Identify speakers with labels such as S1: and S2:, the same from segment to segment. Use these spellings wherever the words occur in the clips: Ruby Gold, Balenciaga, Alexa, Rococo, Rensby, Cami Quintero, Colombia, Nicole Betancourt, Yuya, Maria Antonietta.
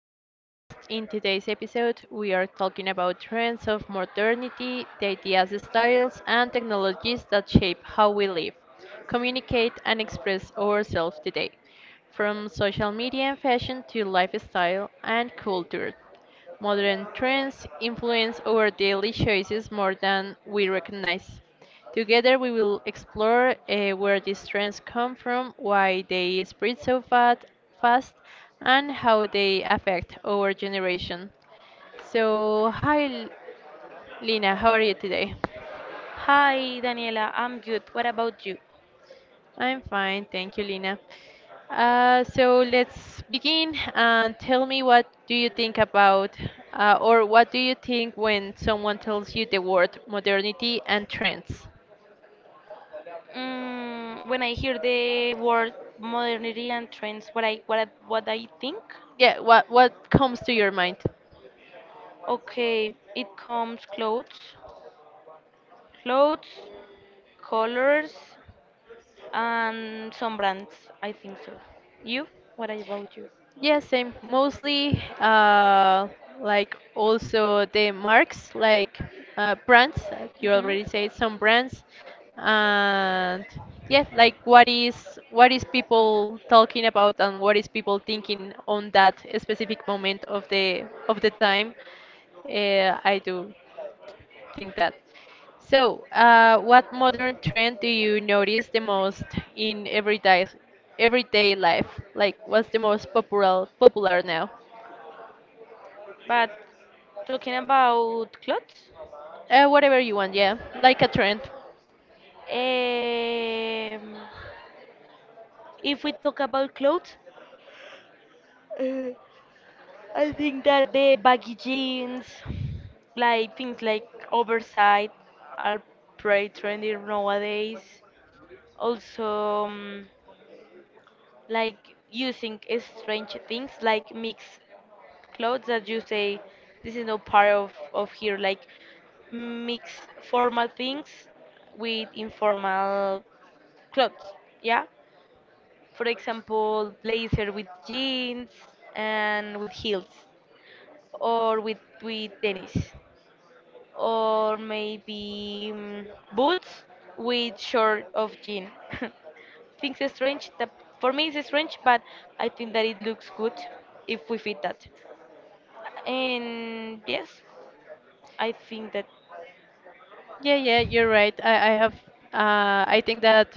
S1: podcast. In today's episode, we are talking about trends of modernity, the ideas, styles, and technologies that shape how we live, communicate, and express ourselves today, from social media and fashion to lifestyle and culture. Modern trends influence our daily choices more than we recognize. Together we will explore where these trends come from, why they spread fast, and how they affect our generation. So, hi Lina, how are you today?
S2: Hi, Daniela. I'm good. What about you?
S1: I'm fine, thank you, Lina. So let's begin and tell me what do you think about, or what do you think when someone tells you the word modernity and trends?
S2: Mm, when I hear the word modernity and trends, what I think?
S1: Yeah, what comes to your mind?
S2: Okay, it comes clothes, clothes, colors, and some brands. I think so. You? What about you?
S1: Yeah, same. Mostly, like also the marks, like brands. You
S2: Hmm.
S1: already said some brands, and yeah, like what is people talking about and what is people thinking on that specific moment of the time. I do think that. So, what modern trend do you notice the most in everyday life? Like, what's the most popular now?
S2: But talking about clothes,
S1: Whatever you want, yeah, like a trend.
S2: um, if we talk about clothes, I think that the baggy jeans, like things like oversight, are pretty trendy nowadays. Also, like using strange things, like mixed clothes that you say this is no part of here, like mix formal things with informal clothes. Yeah, for example, blazer with jeans and with heels, or with tennis. Or maybe boots with short of jean. Things are strange. That for me it's strange, but I think that it looks good if we fit that. And yes, I think that.
S1: Yeah, yeah, you're right. I have. I think that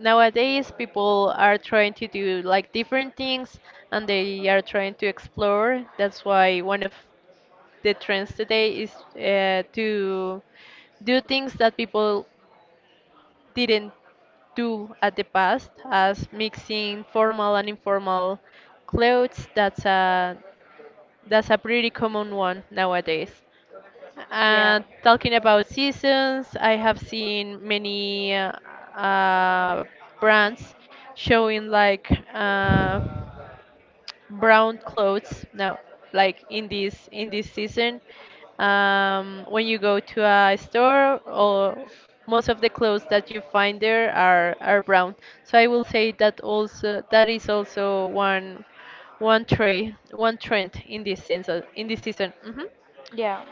S1: nowadays people are trying to do like different things, and they are trying to explore. That's why one of the trends today is to do things that people didn't do at the past as mixing formal and informal clothes. That's a pretty common one nowadays.
S2: Yeah,
S1: And talking about seasons, I have seen many brands showing like uh, brown clothes now, like in this season. When you go to a store, or most of the clothes that you find there are brown, so I will say that also that is also one trend in this in this season. Hmm.
S2: yeah.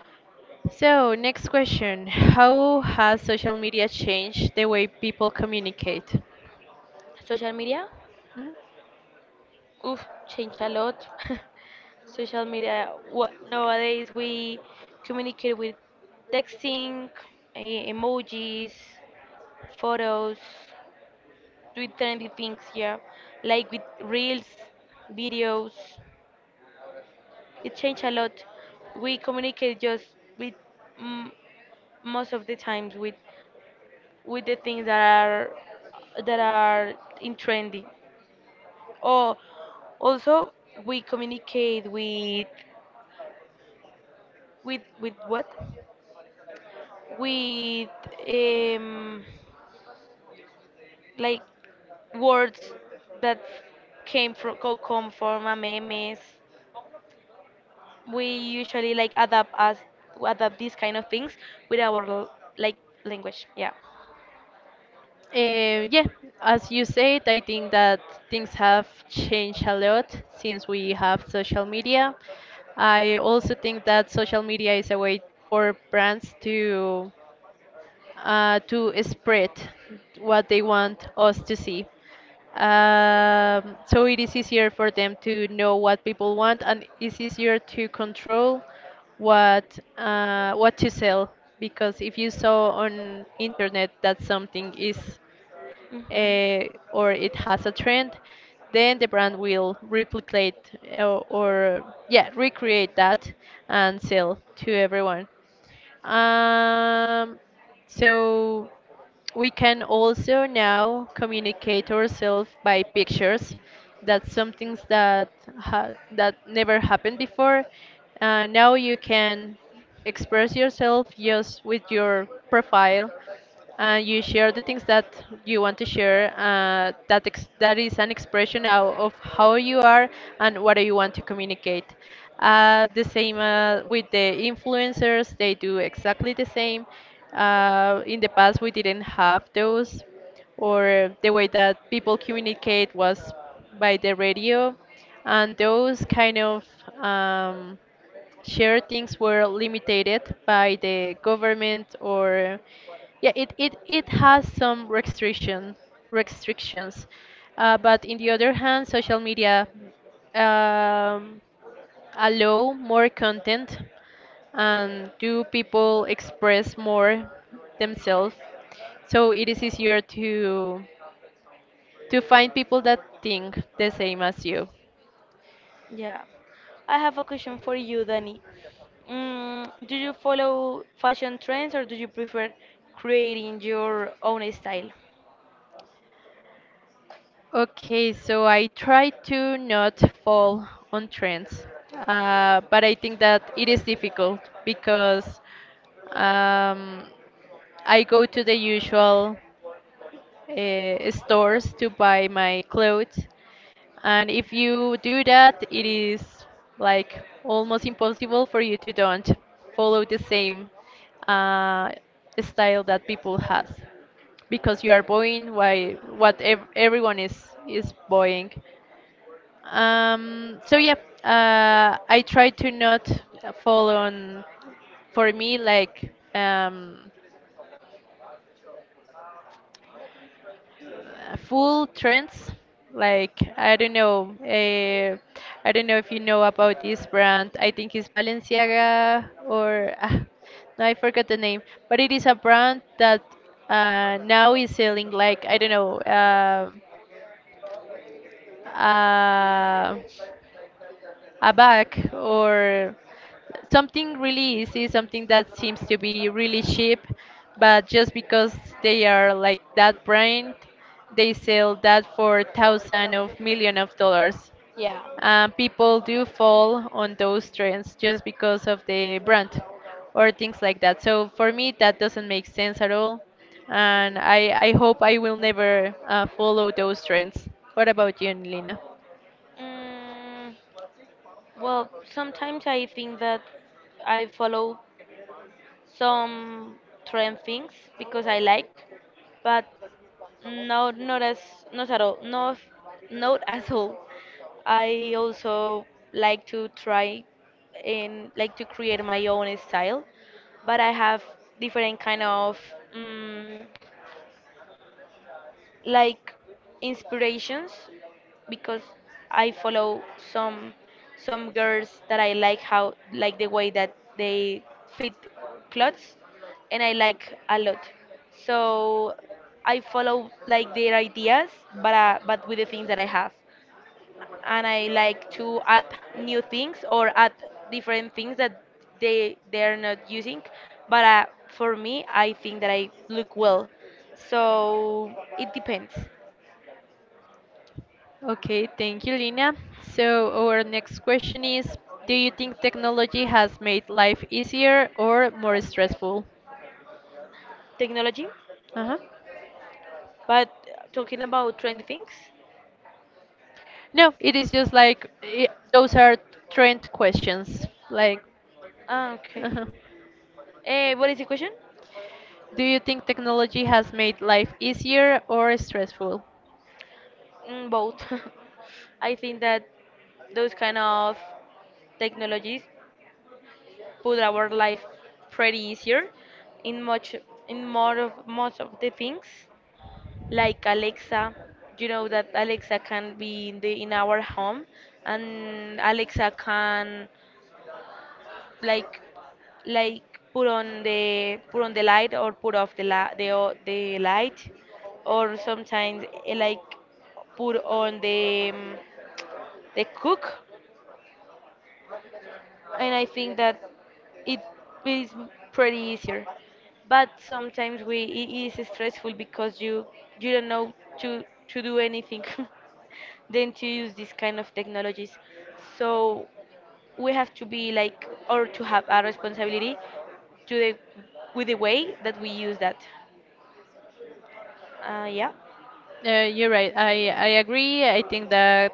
S1: So next question: how has social media changed the way people communicate?
S2: Social media,
S1: Mhm.
S2: oof, change a lot. Social media. What nowadays we communicate with texting, emojis, photos. With trendy things, yeah, like with reels, videos. It changed a lot. We communicate just with mm, most of the times with the things that are in trendy. Or also we communicate with with what? With um like words that came from come from a memes. We usually like adapt us adapt these kind of things with our like language. Yeah.
S1: Yeah, as you said, I think that things have changed a lot since we have social media. I also think that social media is a way for brands to spread what they want us to see. So it is easier for them to know what people want, and it's easier to control what to sell, because if you saw on internet that something is
S2: Mm-hmm.
S1: uh, or it has a trend, then the brand will replicate or yeah, recreate that and sell to everyone. Um, so we can also now communicate ourselves by pictures. That's something that ha that never happened before. Now you can express yourself just with your profile, and you share the things that you want to share. That is an expression of how you are and what you want to communicate. The same with the influencers; they do exactly the same. In the past, we didn't have those, or the way that people communicate was by the radio, and those kind of um, share things were limited by the government, or yeah, it has some restrictions, but in the other hand, social media um, allow more content and do people express more themselves. So it is easier to find people that think the same as you.
S2: Yeah, I have a question for you, Danny. Do you follow fashion trends, or do you prefer creating your own style?
S1: Okay, so I try to not fall on trends, but I think that it is difficult because Um, I go to the usual stores to buy my clothes, and if you do that, it is like almost impossible for you to don't follow the same uh, style that people has, because you are buying why what everyone is buying. So yeah, I try to not fall on, for me like full trends. Like I don't know if you know about this brand. I think it's Balenciaga, or ah, no, I forgot the name. But it is a brand that now is selling like I don't know, uh, a bag or something really easy, something that seems to be really cheap, but just because they are like that brand, they sell that for thousand of million of dollars.
S2: Yeah.
S1: And people do fall on those trends just because of the brand or things like that. So for me, that doesn't make sense at all. And I hope I will never follow those trends. What about you, Lina?
S2: Mm, well, sometimes I think that I follow some trend things because I like, but no, not at all. Not at all. I also like to try, and like to create my own style, but I have different kind of. Mm like inspirations, because I follow some some girls that I like how, like the way that they fit clothes, and I like a lot. So I follow like their ideas, but with the things that I have, and I like to add new things or add different things that they are not using, but for me I think that I look well, so it depends.
S1: Okay, thank you, Lina. So our next question is, do you think technology has made life easier or more stressful?
S2: Technology,
S1: Uh-huh.
S2: but talking about trendy things.
S1: No, it is just like I those are trend questions. Like,
S2: Ah, okay.
S1: uh-huh.
S2: What is the question?
S1: Do you think technology has made life easier or stressful?
S2: Mm, both. I think that those kind of technologies put our life pretty easier, in much in more of most of the things, like Alexa. You know that Alexa can be in the in our home, and Alexa can like like put on the light, or put off the la- the o- the light, or sometimes like put on the cook. And I think that it is pretty easier, but sometimes we it is stressful because you don't know to to do anything than to use this kind of technologies. So we have to be like, or to have a responsibility to the with the way that we use that. Yeah.
S1: You're right. I agree. I think that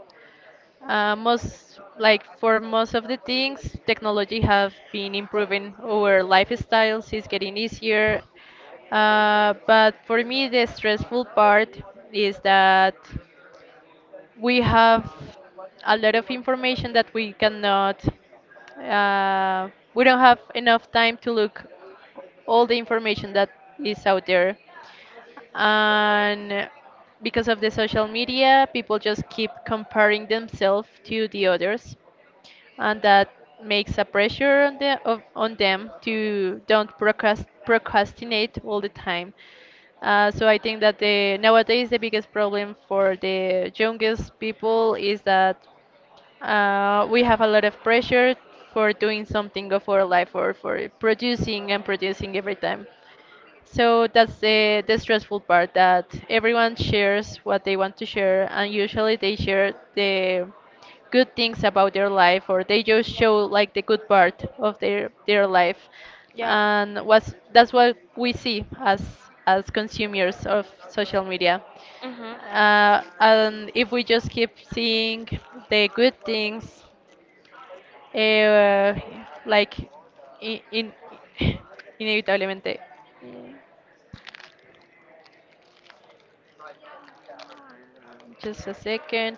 S1: Most like for most of the things, technology have been improving our lifestyles. It's getting easier, but for me, the stressful part is that we have a lot of information that we cannot. Uh, we don't have enough time to look all the information that is out there. And because of the social media, people just keep comparing themselves to the others, and that makes a pressure on on them to don't procrastinate all the time. So I think that the nowadays the biggest problem for the youngest people is that we have a lot of pressure for doing something of our life, or for producing and producing every time. So that's the stressful part, that everyone shares what they want to share, and usually they share the good things about their life, or they just show like the good part of their life,
S2: Yeah.
S1: and what's that's what we see as consumers of social media.
S2: Hmm.
S1: And if we just keep seeing the good things, eh, like in inevitablemente. Just a second.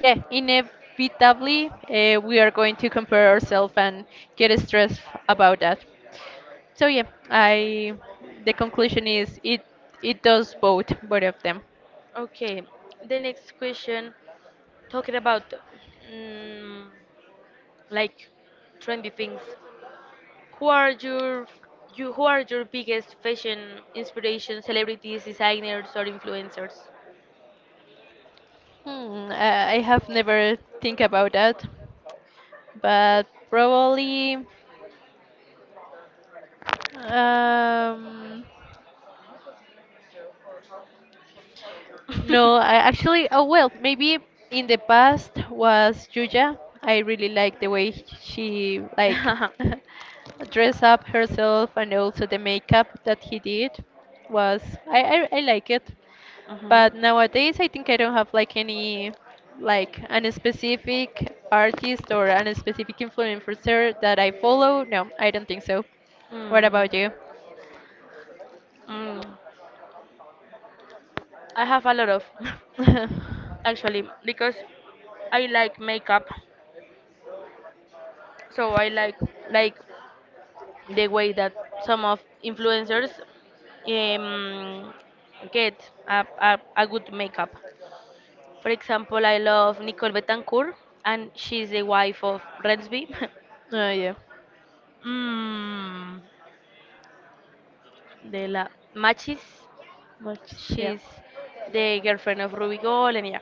S1: Yeah, inevitably, we are going to compare ourselves and get stressed about that. So yeah, I the conclusion is it it does both, both of them.
S2: Okay, the next question, talking about mm, like trendy things. Who are your you who are your biggest fashion inspiration? Celebrities, designers, or influencers?
S1: Hmm, I have never think about that, but probably um, no, I actually, oh well, maybe in the past was Yuya. I really like the way she like
S2: Mhm.
S1: dress up herself, and also the makeup that he did was I like it. But nowadays I think I don't have like any like an specific artist or an specific influencer that I follow. No, I don't think so. What
S2: Mm.
S1: about you?
S2: Mm. I have a lot of. Actually, because I like makeup, so I like the way that some of influencers um, get a good makeup. For example, I love Nicole Betancourt, and she's the wife of Rensby.
S1: Oh yeah,
S2: mm, de la Machis.
S1: much yeah.
S2: She's the girlfriend of Ruby Gold, and, yeah,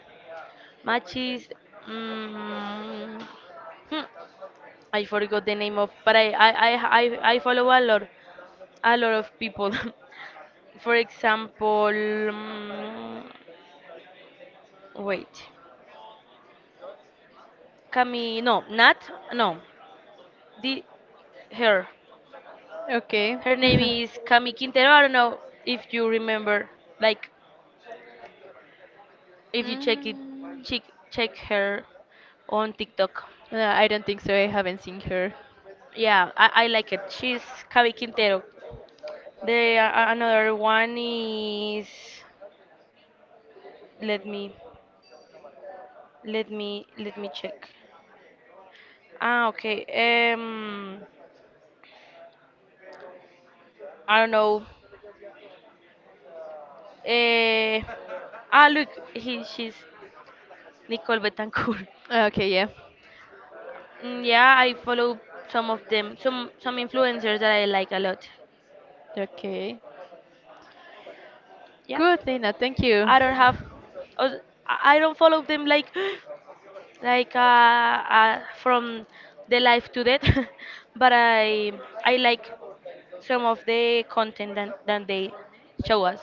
S2: Machis. Mm, hmm, I forgot the name of, but I follow a lot of people. For example, wait, Cami no Nat no the her
S1: Okay.
S2: her name is Cami Quintero. I don't know if you remember, like if you
S1: Mm.
S2: check check her on TikTok.
S1: No, I don't think so. I haven't seen her.
S2: Yeah, I like it. She's Cami Quintero. The another one is, let me let me check. Ah, okay. Um, I don't know. Eh, look, she's Nicole Betancourt.
S1: Okay, yeah.
S2: Mm, yeah, I follow some of them, some influencers that I like a lot.
S1: Okay.
S2: Yeah,
S1: Good, Lena. Thank you.
S2: I don't have, os- I don't follow them like like from the life to death, but I like some of the content that they show us.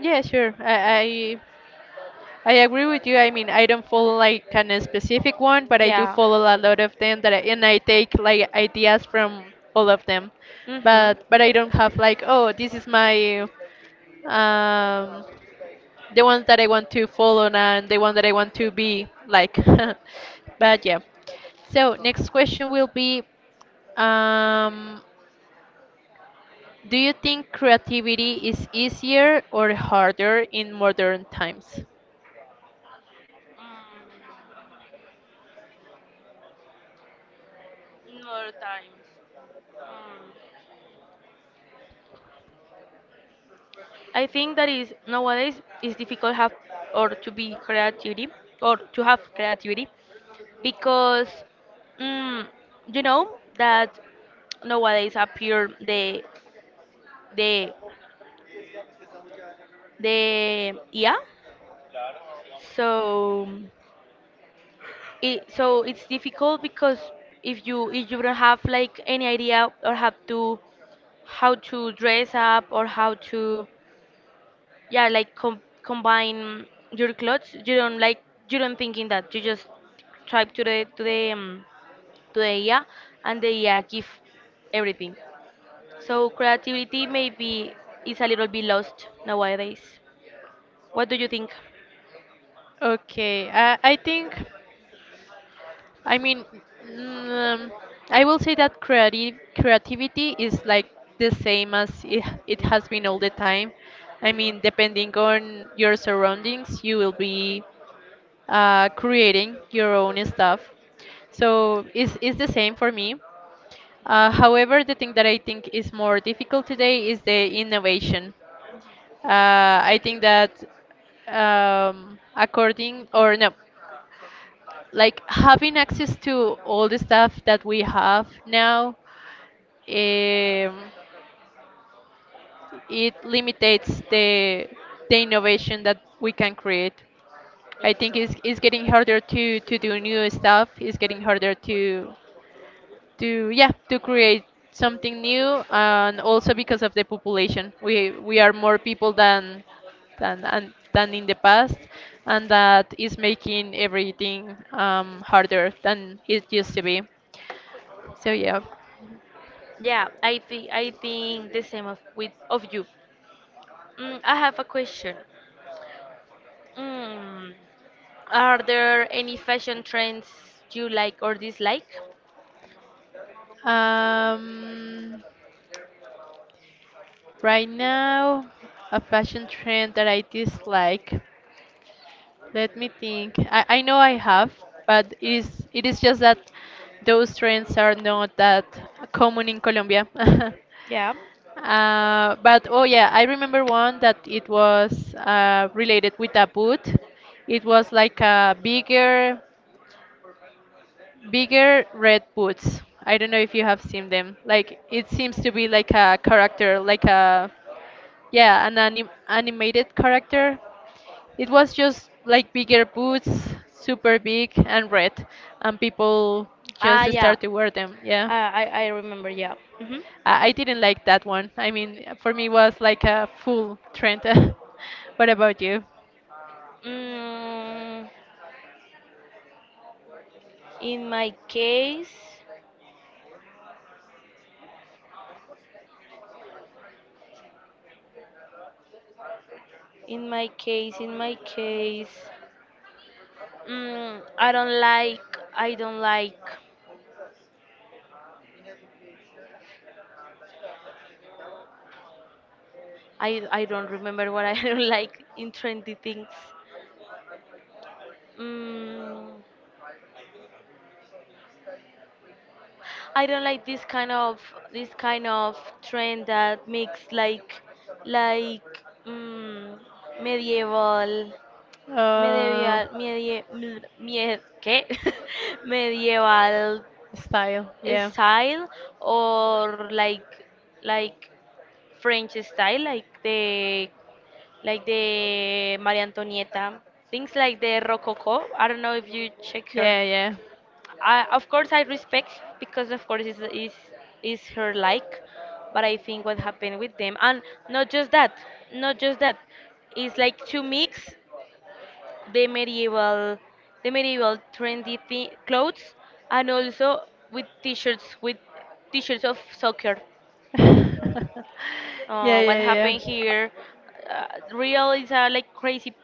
S1: Yeah, sure. I agree with you. I mean, I don't follow like kind of specific one, but I do
S2: Yeah.
S1: follow a lot of them that and I take like ideas from all of them.
S2: Mhm.
S1: But I don't have like, oh, this is my um the one that I want to follow and the one that I want to be like. But yeah. So next question will be, um, do you think creativity is easier or harder in modern times?
S2: Mm, more times. I think that is nowadays it's difficult have, or to be creativity, or to have creativity, because mm, you know that nowadays appear the the yeah, so it so it's difficult because if you don't have like any idea, or have to how to dress up, or how to yeah, like combine your clothes. You don't like, you don't thinking that you just type to the to the yeah, and the yeah give everything. So creativity maybe is a little bit lost nowadays. What do you think?
S1: Okay, I think, I mean, mm, I will say that creative creativity is like the same as it has been all the time. I mean, depending on your surroundings, you will be creating your own stuff. So it's the same for me. However, the thing that I think is more difficult today is the innovation. I think that according or no, like having access to all the stuff that we have now, um, it limitates the innovation that we can create. I
S2: It's
S1: think
S2: true.
S1: it's getting harder to do new stuff. It's getting harder to yeah to create something new, and also because of the population, we are more people than and than in the past, and that is making everything harder than it used to be. So yeah.
S2: Yeah, I think the same of with of you. I have a question. mm, are there any fashion trends you like or dislike?
S1: um right now, a fashion trend that I dislike. Let me think. I know I have, but it is just that those trends are not that common in Colombia.
S2: Yeah.
S1: But oh yeah, I remember one that it was related with a boot. It was like a bigger, bigger red boots. I don't know if you have seen them. Like it seems to be like a character, like a yeah, an animated character. It was just like bigger boots, super big and red, and people just
S2: Ah, yeah,
S1: start to wear them. Yeah,
S2: I remember. Yeah. Hmm.
S1: I didn't like that one. I mean, for me, it was like a full trend. What about you?
S2: Mm, in my case, in my case, mm, I don't like, I don't like, I don't remember what I don't like in trendy things. Mm, I don't like this kind of trend that makes like like mm, medieval, me
S1: Uh,
S2: debía, medie, ml- mie- ¿qué? medieval
S1: Style. Yeah,
S2: style, or like French style, like the Maria Antonietta, things like the Rococo. I don't know if you check her.
S1: yeah, yeah,
S2: I, of course, I respect because of course is her like, but I think what happened with them, and not just that, not just that, it's like to mix the medieval the medieval trendy clothes, and also with t-shirts, with t-shirts of soccer,
S1: yeah, yeah,
S2: what
S1: yeah,
S2: happened here, uh, real is like crazy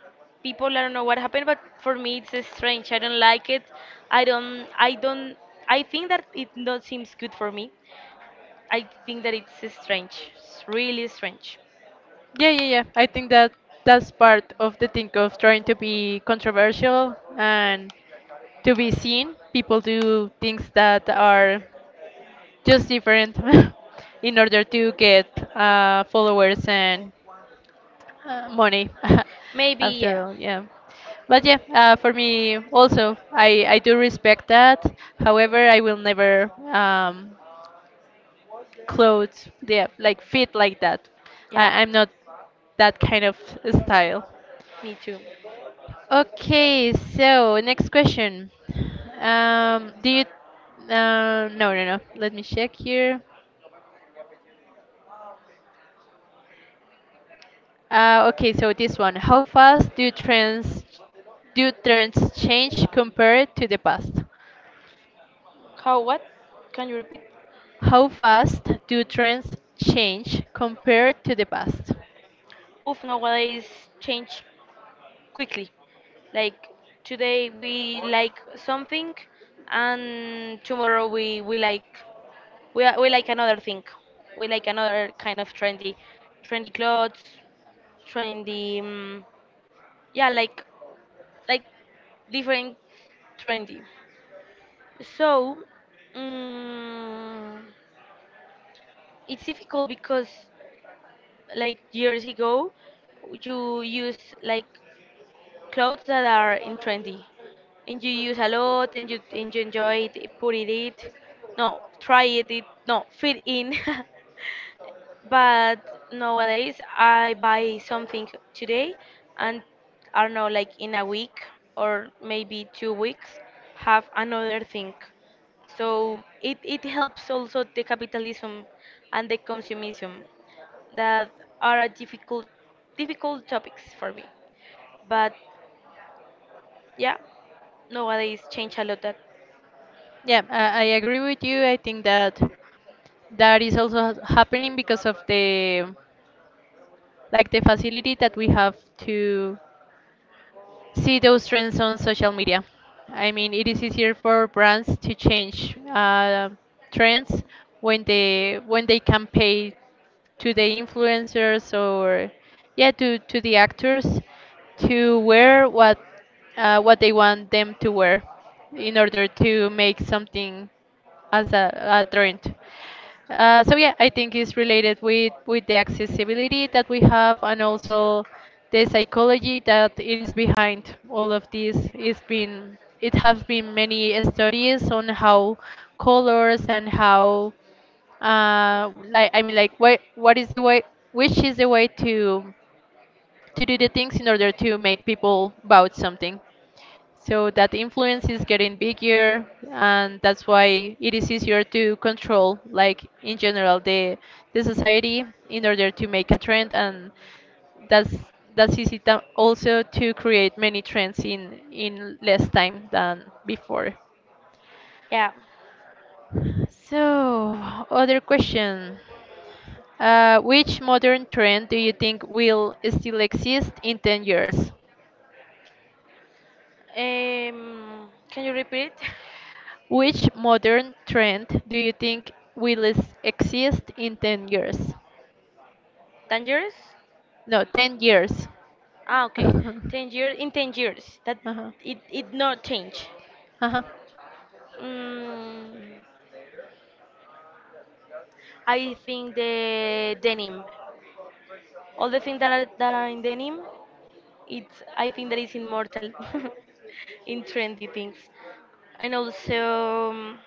S2: people. I don't know what happened, but for me it's strange. I don't like it. I don't. I don't. I think that it not seems good for me. I think that it's strange. It's really strange.
S1: yeah, yeah, yeah. I think that that's part of the thing of trying to be controversial and to be seen. People do things that are just different in order to get followers and money.
S2: Maybe,
S1: After
S2: yeah.
S1: all, yeah. But yeah, for me also, I do respect that. However, I will never clothes, yeah, like fit like that. I,
S2: Yeah,
S1: i'm not that kind of style.
S2: me too.
S1: Okay, so next question. Do you no, let me check here. Okay, so this one. How fast do trends change compared to the past?
S2: How? What? Can you repeat?
S1: How fast do trends change compared to the past?
S2: Oof, nowadays change quickly. Like, today we like something, and tomorrow we like, we like another thing. We like another kind of trendy, trendy clothes, trendy. Yeah, like like different trendy. So, mm it's difficult because, like, years ago, you use like clothes that are in trendy, and you use a lot, and you enjoy it, put it it, no, try it, it, no, fit in. But nowadays I buy something today, and I don't know, like in a week or maybe 2 weeks, have another thing. So it helps also the capitalism and the consumism that are a difficult topics for me. But, yeah, nowadays change a lot that.
S1: Yeah, I agree with you. I think that that is also happening because of the like the facility that we have to see those trends on social media. I mean, it is easier for brands to change trends when they can pay to the influencers or yeah to, the actors to wear what they want them to wear in order to make something as a trend. So yeah, I think it's related with the accessibility that we have, and also the psychology that it is behind all of this. It's been it have been many studies on how colors and how what is the way to do the things in order to make people vote something. So that influence is getting bigger, and that's why it is easier to control, like in general, the society in order to make a trend, and that's easy to also to create many trends in less time than before.
S2: Yeah.
S1: So, other question. Which modern trend do you think will still exist in 10 years?
S2: Can you repeat it?
S1: Which modern trend do you think will exist in 10 years?
S2: 10 years?
S1: No, 10 years.
S2: Ah, okay. 10 years, in 10 years that
S1: Uh-huh.
S2: it not change.
S1: Uh-huh.
S2: Mm, I think the denim, all the things that are in denim, it's I think that is immortal, in trendy things, and also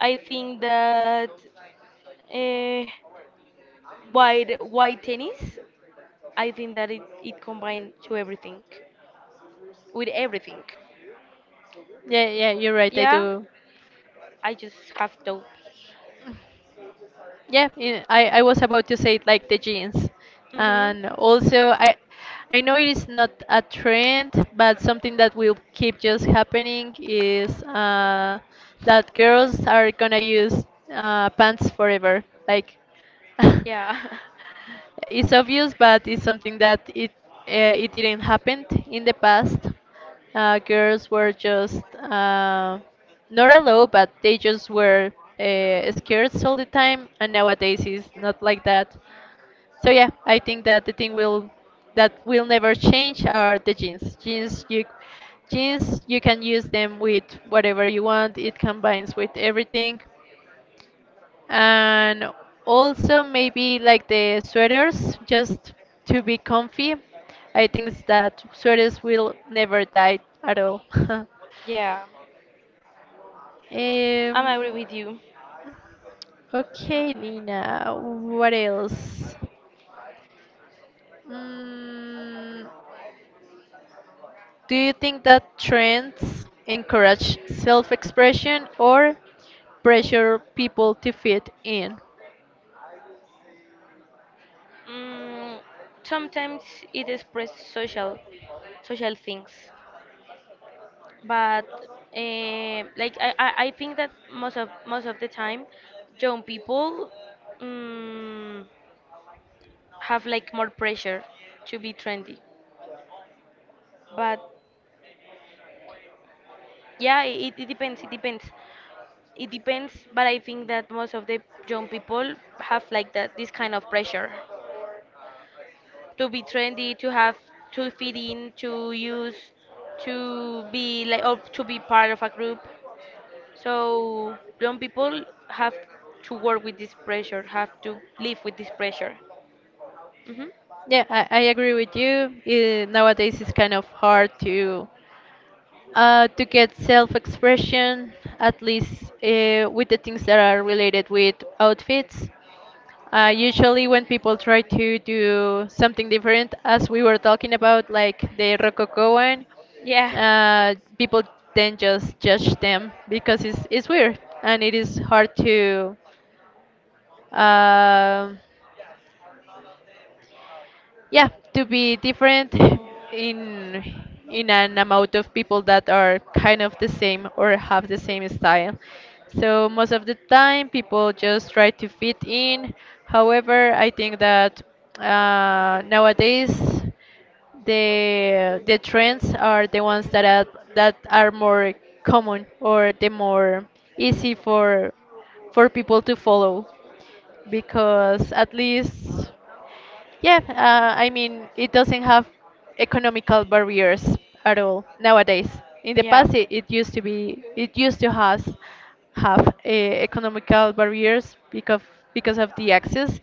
S2: I think that uh, white tennis. I think that it combined to everything, with everything.
S1: Yeah, yeah, you're right. I
S2: Yeah,
S1: do.
S2: I just have those.
S1: Yeah, yeah, I was about to say it, like the jeans.
S2: Mhm.
S1: And also, I know it is not a trend, but something that will keep just happening is that girls are gonna use pants forever. Like,
S2: Yeah.
S1: it's obvious, but it's something that it it didn't happen in the past. Girls were just not allowed, but they just were scared all the time, and nowadays it's not like that. So yeah, I think that the thing will that will never change are the jeans. Jeans you can use them with whatever you want. It combines with everything, and also maybe like the sweaters, just to be comfy. I think that sweaters will never die at all.
S2: Yeah. I'm agree
S1: um
S2: with you.
S1: okay, Lina, what else? Mm, do you think that trends encourage self-expression or pressure people to fit in?
S2: Mm, sometimes it expresses social things. But like I think that most of the time, young people mm, have like more pressure to be trendy, but, yeah, it depends, it depends it depends. But I think that most of the young people have like that, this kind of pressure to be trendy, to have, to fit in, to use, to be like, or to be part of a group. So young people have to work with this pressure, have to live with this pressure. Hmm.
S1: Yeah, I agree with you. Eh, nowadays it's kind of hard to get self-expression, at least with the things that are related with outfits. Usually, when people try to do something different, as we were talking about, like the Rococo one,
S2: Yeah.
S1: people then just judge them because it's weird and it is hard to. Um, yeah, to be different in an amount of people that are kind of the same or have the same style. So most of the time people just try to fit in. However, I think that nowadays the trends are the ones that are more common or the more easy for people to follow, because at least yeah, I mean, it doesn't have economical barriers at all nowadays. In the
S2: Yeah.
S1: past, it used to be, it used to has have economical barriers because of the access,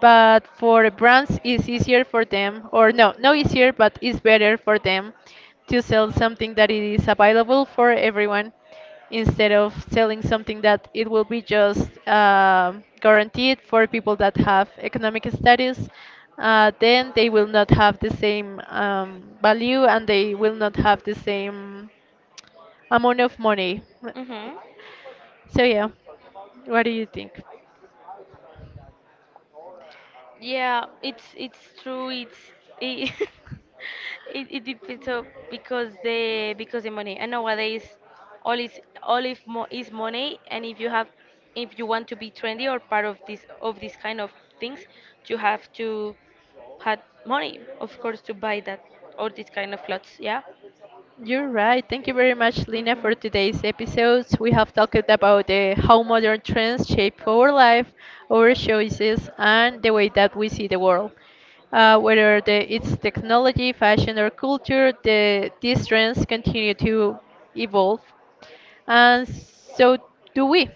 S1: but for brands it's easier for them or no easier, but it's better for them to sell something that it is available for everyone, instead of selling something that it will be just guaranteed for people that have economic status. Then they will not have the same value, and they will not have the same amount of money.
S2: Hmm.
S1: So yeah, what do you think?
S2: Yeah, it's true. It's it, it depends on because the money. And nowadays, all is all if mo is money. And if you want to be trendy or part of this, of this kind of things, you have to have money, of course, to buy that or this kind of clothes. Yeah.
S1: You're right. Thank you very much, Lina, for
S2: Mhm.
S1: today's episodes. We have talked about how modern trends shape our life, our choices, and the way that we see the world. Whether it's technology, fashion, or culture, these trends continue to evolve, and so do we.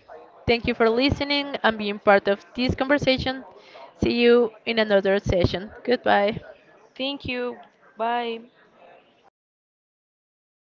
S1: Thank you for listening and being part of this conversation. See you in another session. Goodbye.
S2: Thank you. Bye.